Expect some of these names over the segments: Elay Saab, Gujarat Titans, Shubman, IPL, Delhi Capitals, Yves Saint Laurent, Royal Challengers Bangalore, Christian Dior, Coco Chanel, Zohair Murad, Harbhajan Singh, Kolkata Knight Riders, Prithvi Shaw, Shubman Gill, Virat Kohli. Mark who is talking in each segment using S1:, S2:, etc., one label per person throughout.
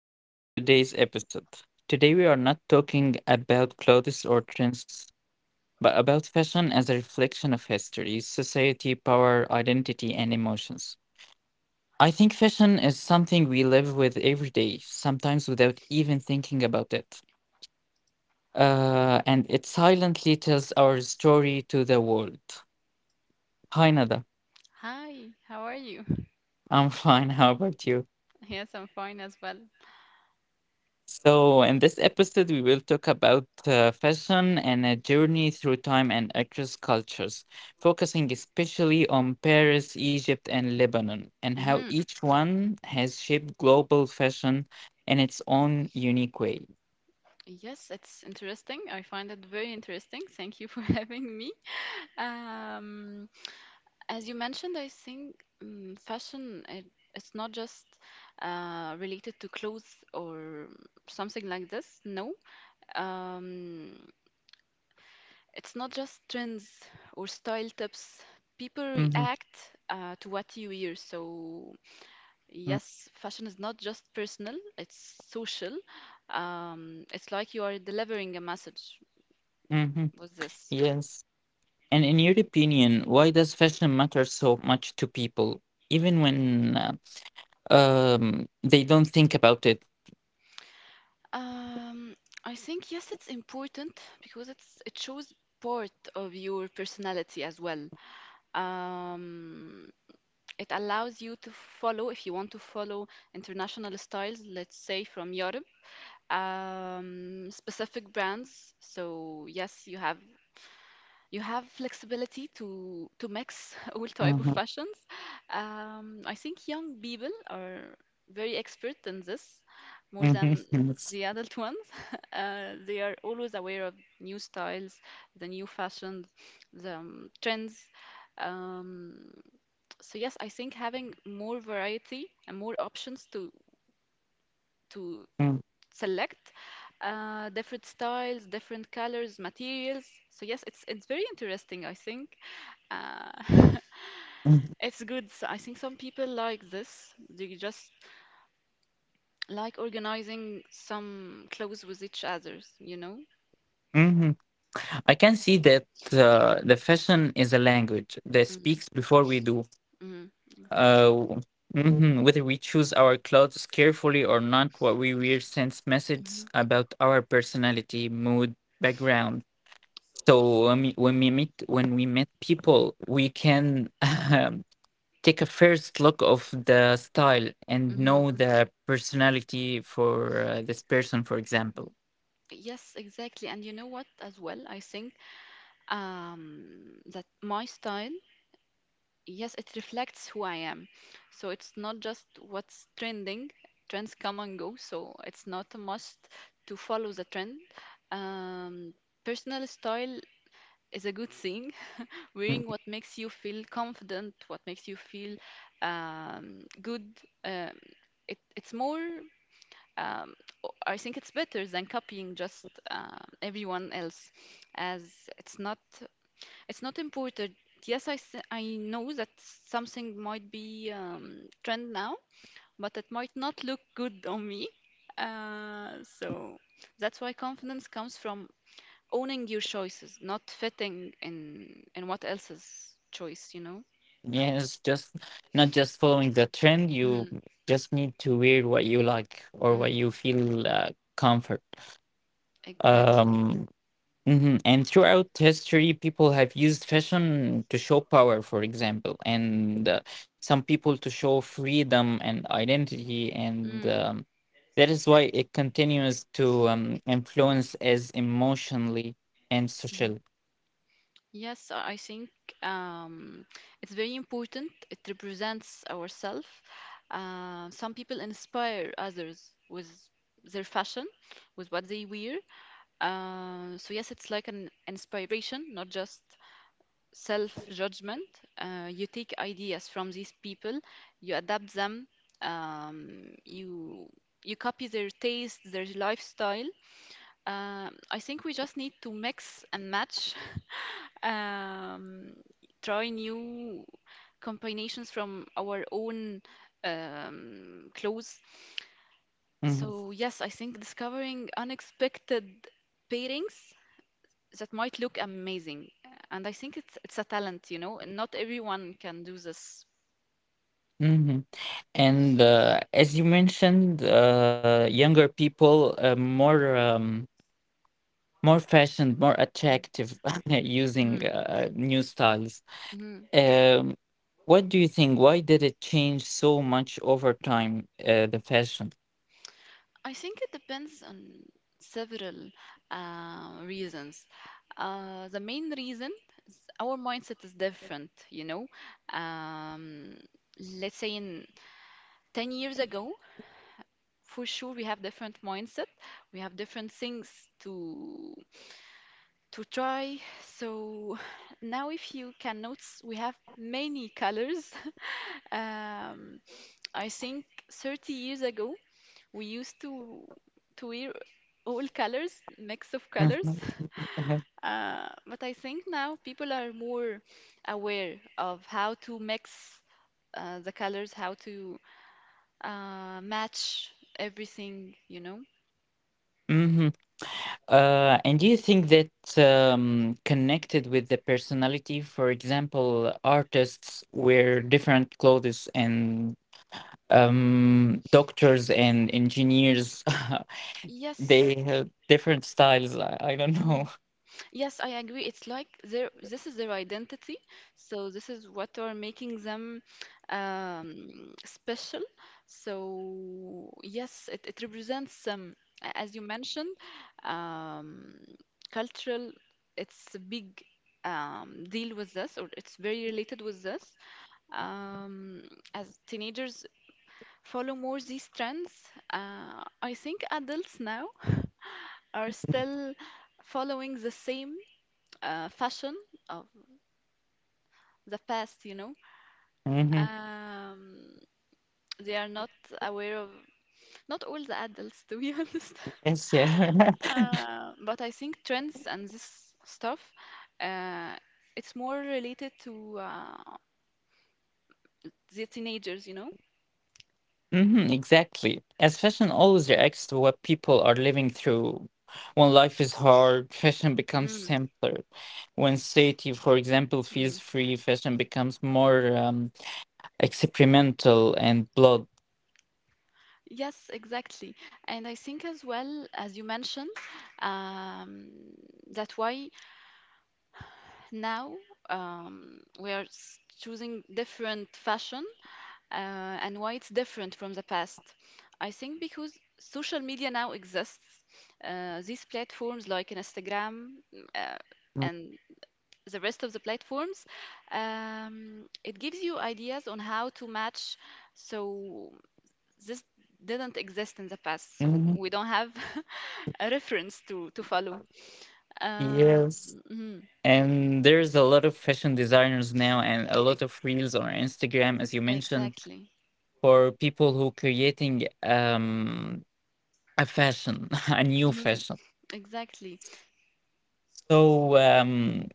S1: welcome to today's episode. Today we are not talking about clothes or trends, but about fashion as a reflection of history, society, power, identity, and emotions. I think fashion is something we live with every day, sometimes without even thinking about it. And it silently tells our story to the world. Hi, Nada.
S2: Hi, how are you?
S1: I'm fine. How about you?
S2: Yes, I'm fine as well.
S1: In this episode, we will talk about fashion and a journey through time and across cultures, focusing especially on Paris, Egypt, and Lebanon, and how
S2: hmm
S1: each one has shaped global fashion in its own unique way.
S2: Yes, it's interesting. I find it very interesting. Thank you for having me. Um, as you mentioned, I think um, fashion it, it's not just related to clothes or something like this. No, um, it's not just trends or style tips. People
S1: Hmm.
S2: react to what you wear, so yes, fashion is not just personal, it's social. It's like you are delivering a message
S1: Hmm.
S2: with this.
S1: Yes. And in your opinion, why does fashion matter so much to people, even when they don't think about it?
S2: Um, I think yes, it's important because it shows part of your personality as well. Um, it allows you to follow if you want to follow international styles, let's say from Europe, specific brands. So yes, you have flexibility to mix all type of
S1: Mhm.
S2: passions. I think young people are very expert in this, more
S1: Mhm.
S2: than
S1: Yes.
S2: the adult ones. They are always aware of new styles, the new fashions, the trends. Um, so yes, I think having more variety and more options to
S1: Mm.
S2: select different styles, different colors, materials. So yes, it's very interesting, I think. Uh,
S1: Mm.
S2: it's good. So I think some people like this. They just like organizing some clothes with each others, you know?
S1: Mhm. I can see that the fashion is a language that
S2: Mm-hmm.
S1: speaks before we do.
S2: Mm-hmm. Exactly.
S1: Uh, mhm, Whether we choose our clothes carefully or not, what we wear sends
S2: Mm-hmm.
S1: messages about our personality, mood, background. So when we meet people, we can um, take a first look of the style and
S2: Mm-hmm.
S1: know the personality for this person, for
S2: Mm-hmm.
S1: example.
S2: Yes, exactly. And you know what, as well, I think that my style, yes, it reflects who I am. So it's not just what's trending. Trends come and go, so it's not a must to follow the trend. Um, Personal style is a good thing. Wearing what makes you feel confident, what makes you feel good. Um, it's more, um, I think it's better than copying just everyone else, as it's not it's not important. Yes, I know that something might be trend now, but it might not look good on me. So that's why confidence comes from owning your choices, not fitting in what else's choice, you know?
S1: Yes, just not just following the trend. You
S2: Mm-hmm.
S1: just need to wear what you like or what you
S2: Mm-hmm.
S1: feel comfort.
S2: Exactly.
S1: Um, And throughout history, people have used fashion to show power, for example, and some people to show freedom and identity. And
S2: Mm-hmm.
S1: that is why it continues to influence as emotionally and socially.
S2: Yes, I think um, it's very important. It represents ourselves. Some people inspire others with their fashion, with what they wear. So, yes, it's like an inspiration, not just self judgment. You take ideas from these people, you adapt them, um, you, you copy their taste, their lifestyle. I think we just need to mix and match um, try new combinations from our own clothes.
S1: Hmm.
S2: So, yes, I think discovering unexpected pairings that might look amazing. And I think it's a talent, you know, and not everyone can do this.
S1: Hmm. And as you mentioned, younger people more more fashioned, more attractive using
S2: Mm-hmm.
S1: new styles.
S2: Mm-hmm.
S1: Um, what do you think? Why did it change so much over time, the fashion?
S2: I think it depends on several reasons. The main reason is our mindset is different, you know. Um, let's say in 10 years ago, for sure we have different mindset, we have different things to to try. So now if you can notice, we have many colors. Um, I think 30 years ago, we used to wear all colors, mix of
S1: Mm-hmm.
S2: colors. But I think now people are more aware of how to mix the colors, how to match everything, you know?
S1: Hmm. And do you think that connected with the personality? For example, artists wear different clothes, and doctors and engineers They
S2: Yes.
S1: have different styles. I don't
S2: Mm,
S1: know.
S2: yes, I agree. It's like their this is their identity, so this is what are making them special. So yes, it represents as you mentioned, um, cultural. It's a big deal with this, or it's very related with this. Um, as teenagers follow more these trends, I think adults now are still following the same fashion of the past, you know.
S1: Hmm.
S2: Um, they are not aware of, not all the adults, to be honest.
S1: Yes, yeah.
S2: But I think trends and this stuff, uh, it's more related to the teenagers, you know.
S1: Hmm, exactly. As fashion always reacts to what people are living through. When life is hard, fashion becomes
S2: Mm,
S1: simpler. When safety, for example, feels
S2: mm.
S1: free, fashion becomes more experimental and blood.
S2: Yes, exactly. And I think as well, as you mentioned, um, that why now choosing different fashion and why it's different from the past. I think because social media now exists, these platforms like Instagram uh, and the rest of the platforms, it gives you ideas on how to match. So this didn't exist in the past, so
S1: Mhm.
S2: we don't have a reference to follow. Um,
S1: Yes.
S2: mhm,
S1: And there's a lot of fashion designers now and a lot of
S2: ex-
S1: reels on Instagram, as you mentioned,
S2: exactly.
S1: for people who creating a fashion, a new
S2: Mhm,
S1: fashion.
S2: exactly.
S1: So um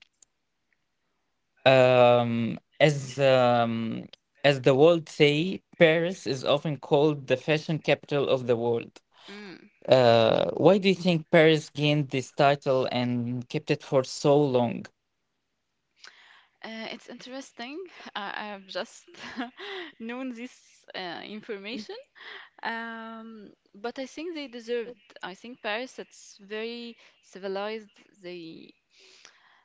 S1: um as um as the world say, Paris is often called the fashion capital of the world.
S2: Mm.
S1: Why do you think Paris gained this title and kept it for so long?
S2: It's interesting. I I've just known this information, but I think they deserved. I think Paris, it's very civilized. They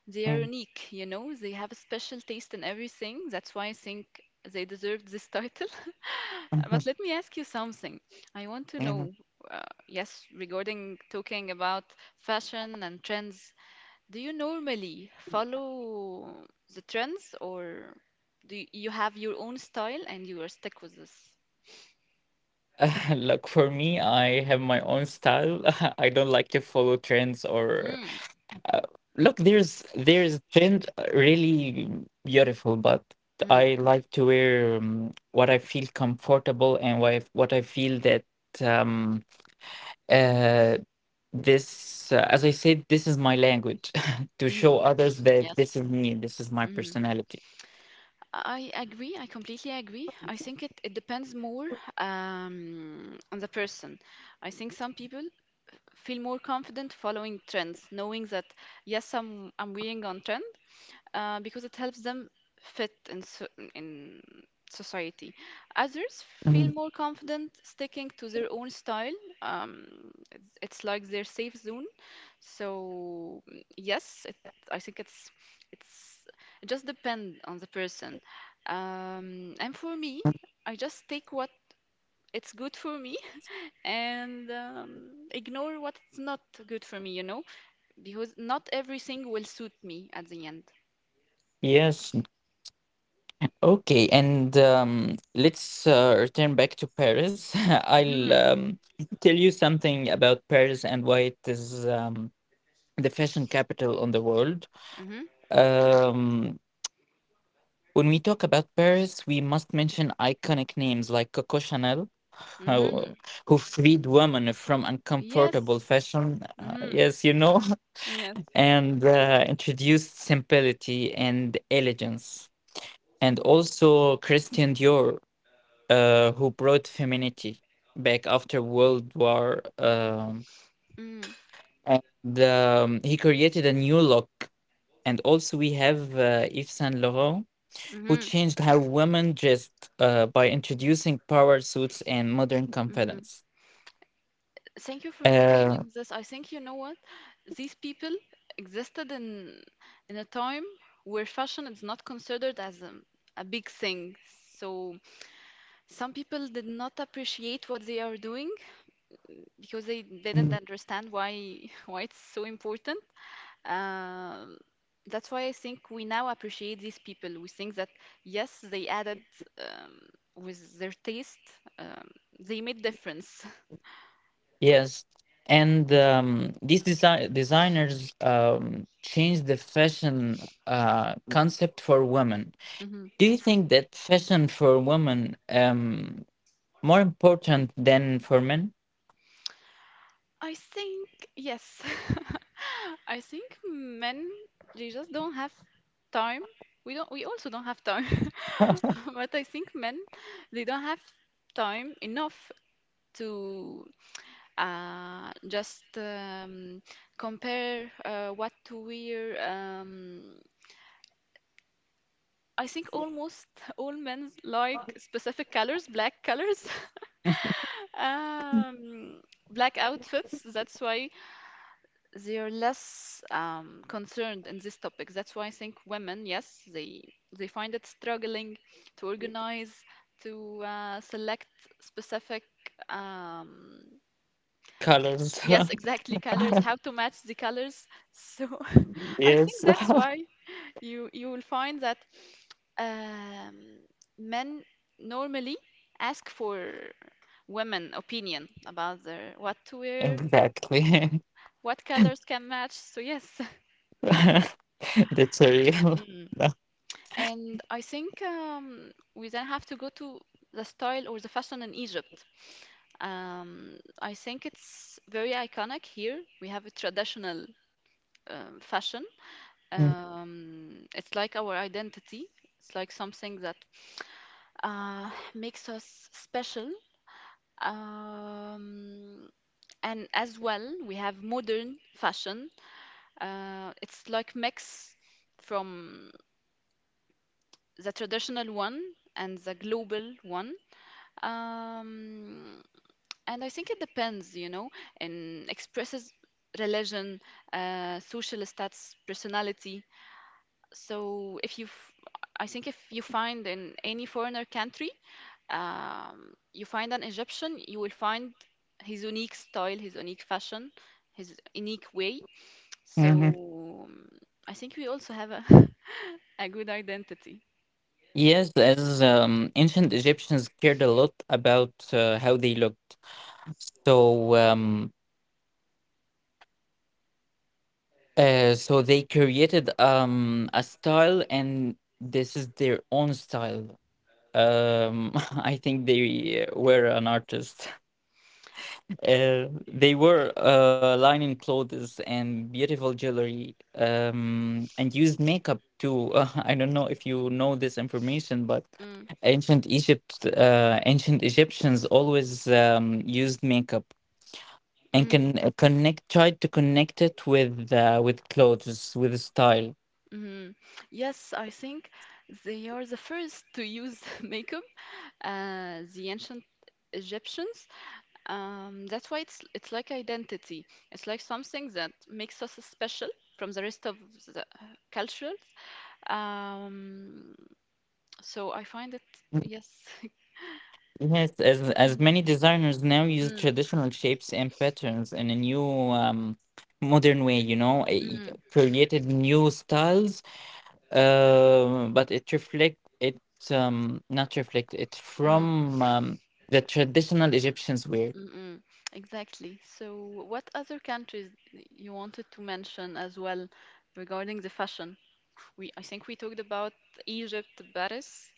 S2: they are
S1: Mm.
S2: unique, you know. They have a special taste in everything. That's why I think they deserved this title.
S1: Mhm.
S2: But let me ask you something. I want to
S1: Mhm.
S2: know, yes, regarding talking about fashion and trends. Do you normally follow the trends, or do you have your own style and you are stick with this?
S1: Look, for me, I have my own style. I don't like to follow trends or
S2: Mm,
S1: uh, look, there's trend really beautiful, but
S2: mm,
S1: I like to wear what I feel comfortable and what I feel that um uh this as I said, this is my language to show
S2: mm,
S1: others that this
S2: yes.
S1: is me, this is my
S2: Mm.
S1: personality.
S2: I agree. I completely agree. I think it depends more on the person. I think some people feel more confident following trends, knowing that yes, I'm wearing on trend, because it helps them fit in so in society. Others
S1: Mm.
S2: feel more confident sticking to their own style. Um, it's like their safe zone. So mm, yes, I think it's it just depend on the person. And for me, I just take what it's good for me and ignore what's not good for me, you know, because not everything will suit me at the end.
S1: Yes. Okay, and let's return back to Paris. I'll
S2: Hmm.
S1: tell you something about Paris and why it is the fashion capital on the world. Um, when we talk about Paris, we must mention iconic names like Coco Chanel, who,
S2: Mm-hmm.
S1: who freed women from
S2: Yes.
S1: uncomfortable fashion.
S2: Mm-hmm.
S1: Yes, you know,
S2: Yes.
S1: and introduced simplicity and elegance. And also Christian Dior who brought femininity back after World War.
S2: Mm,
S1: And he created a new look. And also, we have Yves Saint Laurent, who
S2: mhm,
S1: changed how women dressed by introducing power suits and modern
S2: mhm.
S1: confidence.
S2: Thank you for
S1: Uh,
S2: mentioning this. I think you know what? These people existed in a time where fashion is not considered as a big thing. So some people did not appreciate what they are doing because they didn't
S1: Mm.
S2: understand why why it's so important. Um, that's why I think we now appreciate these people. We think that yes, they added um, with their taste, um, they made difference.
S1: Yes, and these designers changed the fashion concept for women.
S2: Mhm.
S1: Do you think that fashion for women more important than for men?
S2: I think yes. I think men they just don't have time. We don't. We also don't have time. But I think men they don't have time enough to just compare what to wear. I think almost all men like specific colors, black colors, um, black outfits. That's why they are less concerned in this topic. That's why I think women, yes, they find it struggling to organize, to select specific, um,
S1: Colors.
S2: yes, exactly colors, how to match the colors. So I
S1: Yes.
S2: think that's why you will find that um, men normally ask for women opinion about their what to wear,
S1: Exactly.
S2: what colors can match. So yes,
S1: That's a real.
S2: Mm. And I think we then have to go to the style or the fashion in Egypt. I think it's very iconic here. We have a traditional fashion. It's like our identity. It's like something that makes us special. Um, and as well, we have modern fashion. It's like mix from the traditional one and the global one. Um, and I think it depends, you know, and expresses religion, social status, personality. So if I think if you find in any foreigner country, you find an Egyptian, you will find his unique style, his unique fashion, his unique way. So
S1: Mhm.
S2: I think we also have a, a good identity.
S1: Yes, as ancient Egyptians cared a lot about how they looked. So, uh, so they created a style and this is their own style. Um, I think they were an artist. They were lining clothes and beautiful jewelry and used makeup too. I don't know if you know this information, but
S2: Mm,
S1: ancient Egyptians always used makeup and
S2: mm,
S1: can connect tried to connect it with clothes with style.
S2: mhm. Yes, I think they are the first to use makeup, the ancient Egyptians. That's why it's like identity. It's like something that makes us special from the rest of the cultures. Um, so I find it, yes.
S1: Yes, as many
S2: Mm,
S1: designers now use
S2: mm,
S1: traditional shapes and patterns in a new um, modern way, you know,
S2: mm,
S1: created new styles, but it reflect it not reflect it
S2: mm,
S1: from the traditional Egyptians wear.
S2: mm, mm. Exactly. So what other countries you wanted to mention as well regarding the fashion? We I think we talked about Egypt, Paris.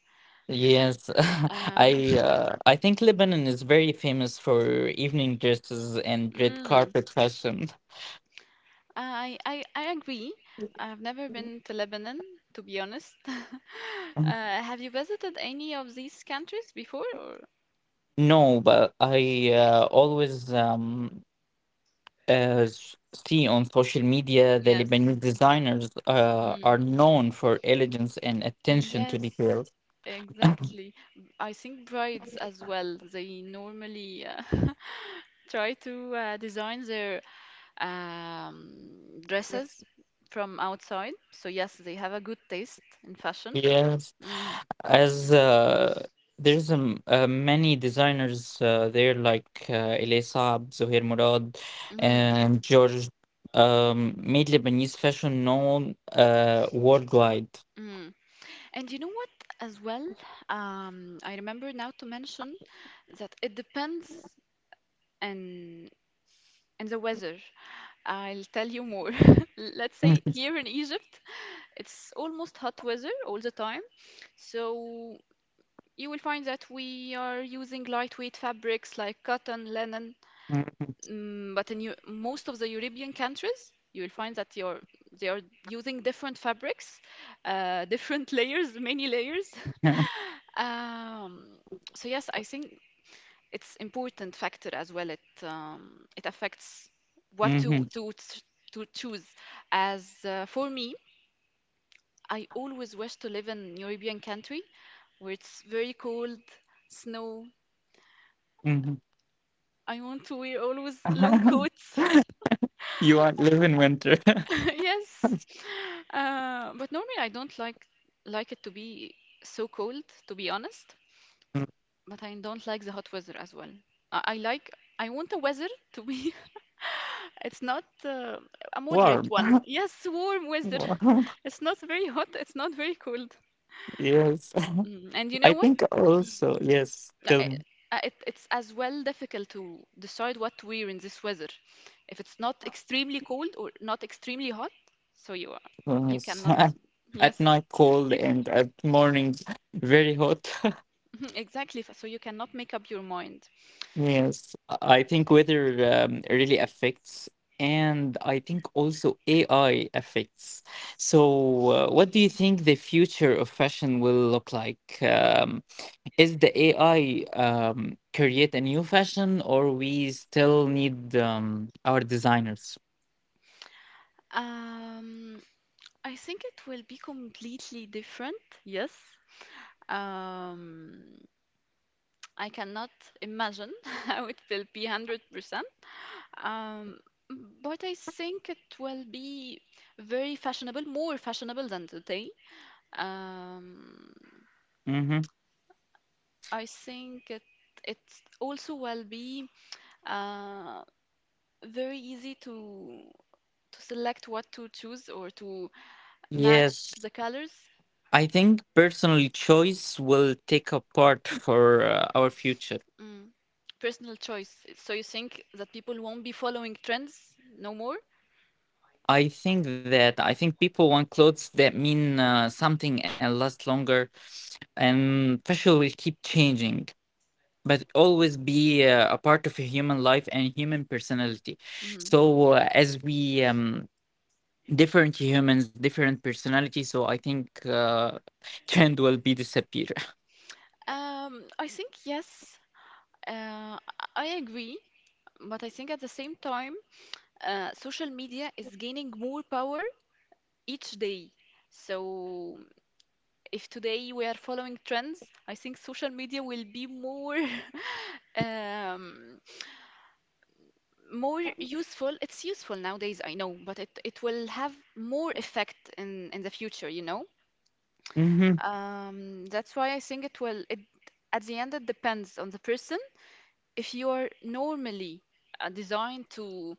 S1: Yes,
S2: Uh,
S1: I think Lebanon is very famous for evening dresses and red
S2: mm,
S1: carpet fashion.
S2: I agree. I've never been to Lebanon, to be honest. Have you visited any of these countries before, or?
S1: No, but I always. As see on social media, the
S2: Yes.
S1: Lebanese designers are
S2: Mm.
S1: known for elegance and attention to
S2: Yes,
S1: details.
S2: exactly. I think brides as well, they normally try to design their um, dresses from outside. So yes, they have a good taste in fashion.
S1: Yes,
S2: Mm.
S1: as there's many designers there like Elay Saab, Zohair Murad,
S2: Hmm.
S1: and George made Lebanese fashion known worldwide.
S2: Hmm. And you know what, as well, I remember now to mention that it depends and and the weather. I'll tell you more. Let's say here in Egypt, it's almost hot weather all the time, so you will find that we are using lightweight fabrics like cotton, linen.
S1: Mhm.
S2: Mm, but in most of the European countries, you will find that you're they are using different fabrics, different layers, many layers. Um, so yes, I think it's important factor as well. It affects what
S1: Mhm.
S2: to choose. As for me, I always wish to live in European country where it's very cold, snow.
S1: Mhm.
S2: I want to wear always long coats.
S1: You want live in winter.
S2: Yes. But normally I don't like it to be so cold, to be honest. But I don't like the hot weather as well. I, I like I want the weather to be it's not a moderate
S1: Warm.
S2: one. Yes, warm weather. It's not very hot, it's not very cold.
S1: Yes.
S2: Mm. And you know
S1: I
S2: what?
S1: think also, yes,
S2: Uh, uh,
S1: still
S2: it's as well difficult to decide what to wear in this weather. If it's not extremely cold or not extremely hot, so you are, you
S1: yes.
S2: cannot,
S1: At
S2: yes,
S1: night cold
S2: you c
S1: and at morning very hot.
S2: exactly. So you cannot make up your mind.
S1: Yes, I think weather really affects, and I think also AI affects. So, what do you think the future of fashion will look like? Is the AI create a new fashion, or we still need our designers?
S2: Um, I think it will be completely different. Yes. Um, I cannot imagine how it will be 100%. Um, but I think it will be very fashionable, more fashionable than today. Um,
S1: Mm-hmm.
S2: I think it also will be uh, very easy to select what to choose or to match
S1: Yes.
S2: the colors.
S1: I think personal choice will take a part for our future.
S2: Mm. Personal choice. So you think that people won't be following trends no more?
S1: I think people want clothes that mean something and last longer, and fashion will keep changing, but always be a part of a human life and human personality.
S2: Mhm.
S1: So as we different humans, different personalities, so I think trend will be disappear.
S2: I think yes. Uh, I agree, but I think at the same time, social media is gaining more power each day. So, if today we are following trends, I think social media will be more um, more useful. It's useful nowadays, I know, but it will have more effect in the future, you know? That's why I think at the end, it depends on the person. If you are normally designed to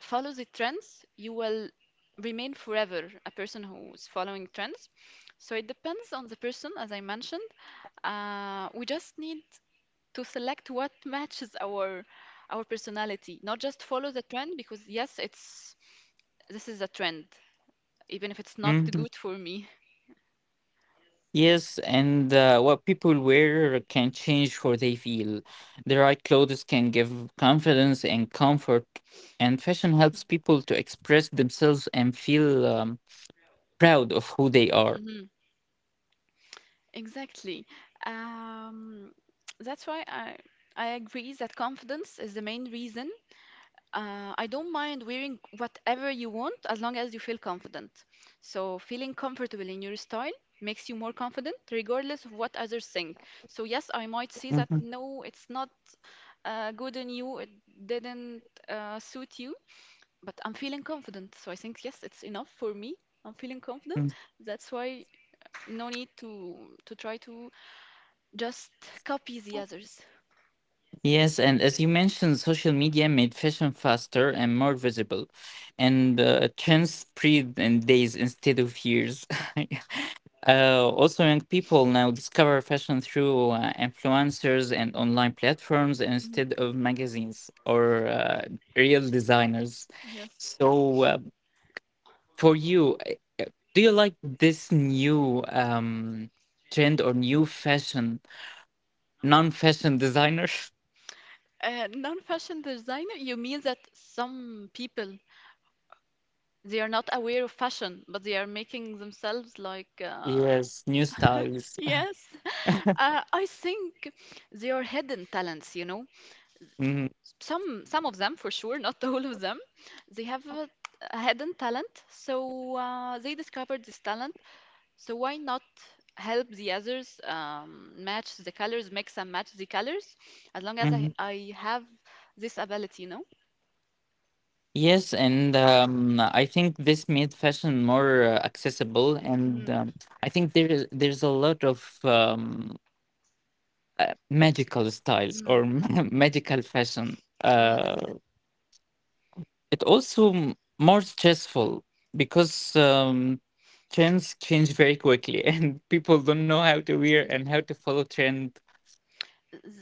S2: follow the trends, you will remain forever a person who's following trends. So it depends on the person, as I mentioned. We just need to select what matches our personality, not just follow the trend because yes, it's this is a trend, even if it's not
S1: Hmm.
S2: good for me.
S1: Yes, and what people wear can change how they feel. The right clothes can give confidence and comfort, and fashion helps people to express themselves and feel proud of who they are.
S2: Hmm. Exactly. Um, that's why I agree that confidence is the main reason. I don't mind wearing whatever you want as long as you feel confident. So, feeling comfortable in your style makes you more confident regardless of what others think. So, yes, I might see that
S1: Mhm.
S2: no, it's not good on you, it didn't suit you, but I'm feeling confident. So, I think, yes, it's enough for me. I'm feeling confident.
S1: Mm.
S2: That's why no need to try to just copy the others.
S1: Yes, and as you mentioned, social media made fashion faster and more visible, and trends spread in days instead of years. Also, young people now discover fashion through influencers and online platforms
S2: Mhm.
S1: instead of magazines or real designers.
S2: Yes.
S1: So, for you, uh, do you like this new trend or new fashion, non-fashion designer?
S2: Non-fashion designer, you mean that some people they are not aware of fashion, but they are making themselves like
S1: Yes, new styles.
S2: yes. I think they are hidden talents. Some of them for sure, not all of them. They have a hidden talent, so they discovered this talent. So why not help the others match the colors, mix and match the colors, as long as I
S1: Mhm.
S2: I have this ability.
S1: Yes, and I think this made fashion more accessible, and
S2: Mm,
S1: I think there's a lot of magical styles
S2: mm,
S1: or magical fashion.
S2: yes.
S1: Uh, it also more stressful because trends change very quickly, and people don't know how to wear and how
S2: Mm.
S1: to follow trend.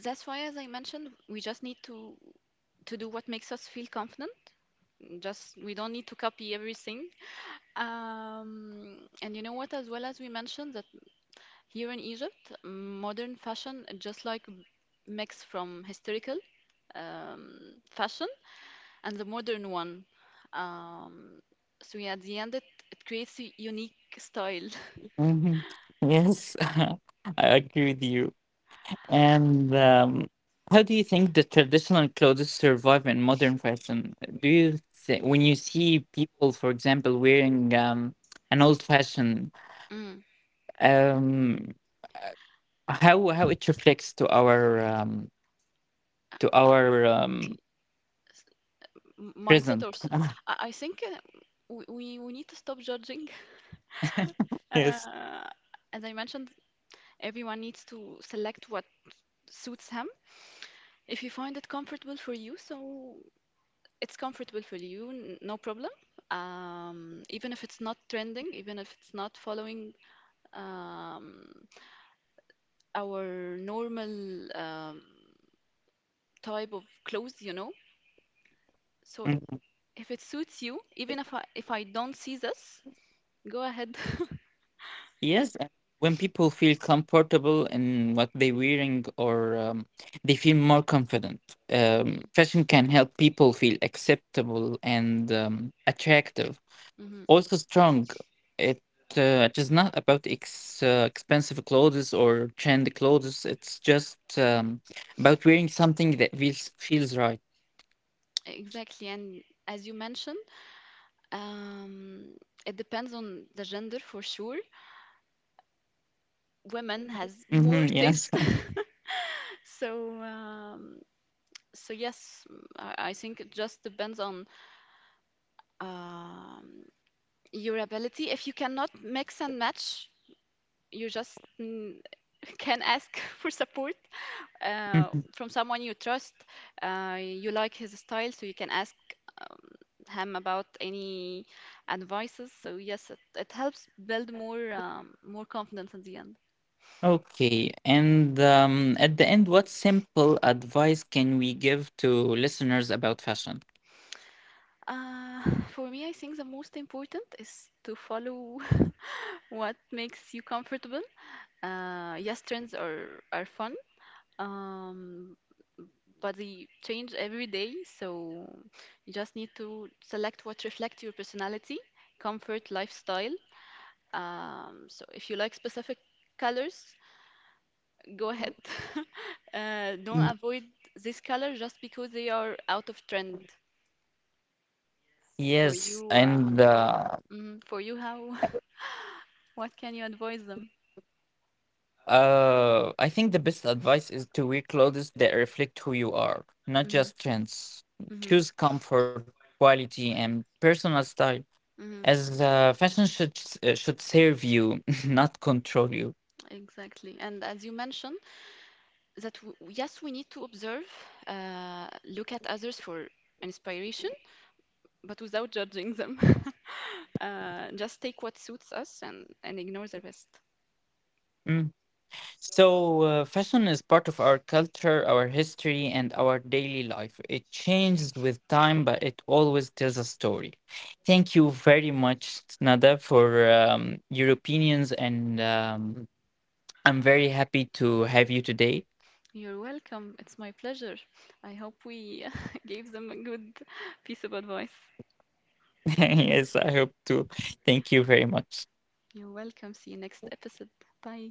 S2: That's why, as I mentioned, we just need to do what makes us feel confident. Just we don't need to copy everything. And you know what? As well as we mentioned that here in Egypt, modern fashion just like mix from historical fashion and the modern one. Um, so yeah, at the end, it creates a unique style.
S1: Mhm. Yes, I agree with you. And how do you think the traditional clothes survive in modern fashion? When you see people, for example, wearing an old fashion,
S2: Mm.
S1: um, uh, how it reflects to our
S2: Y- s- Mindset or
S1: present?
S2: s-. I think we need to stop judging.
S1: Yes.
S2: Uh, as I mentioned, everyone needs to select what suits him. If you find it comfortable for you, so it's comfortable for you, no problem. Even if it's not trending, even if it's not following um, our normal type of clothes.
S1: Mm.
S2: So if it suits you, even if I don't see this, go ahead.
S1: Yes, and when people feel comfortable in what they're wearing or they feel more confident,
S2: Mhm,
S1: fashion can help people feel acceptable and attractive.
S2: mhm.
S1: Also strong. It it is not about ex expensive clothes or trendy clothes. It's just about wearing something that feels right.
S2: Exactly. And as you mentioned. Um, it depends on the gender for sure. Women has more
S1: Hmm,
S2: taste,
S1: yes.
S2: so um, so yes, I think it just depends on um, your ability. If you cannot mix and match, you just can ask for support from someone you trust. You like his style, so you can ask um, him about any advices. So yes, it helps build more more confidence in the end.
S1: Okay, and at the end, what simple advice can we give to listeners about fashion?
S2: Uh, for me, I think the most important is to follow what makes you comfortable. Yes, trends are fun, um, but they change every day, so you just need to select what reflects your personality, comfort, lifestyle. So if you like specific colors, go ahead. Don't
S1: Mm.
S2: avoid this color just because they are out of trend. For
S1: Yes,
S2: you, uh,
S1: and
S2: for you, how what can you advise them?
S1: I think the best advice is to wear clothes that reflect who you are, not
S2: Mm,
S1: just trends.
S2: mhm,
S1: Choose comfort, quality, and personal style,
S2: mhm.
S1: as fashion should should serve you, not control you.
S2: Exactly. And as you mentioned, that w yes, we need to observe, look at others for inspiration, but without judging them. Just take what suits us and ignore the rest.
S1: Mm. So, fashion is part of our culture, our history, and our daily life. It changes with time, but it always tells a story. Thank you very much, Nada, for your opinions, and I'm very happy to have you today.
S2: You're welcome. It's my pleasure. I hope we gave them a good piece of advice.
S1: Yes, I hope to. Thank you very much.
S2: You're welcome. See you next episode. Bye.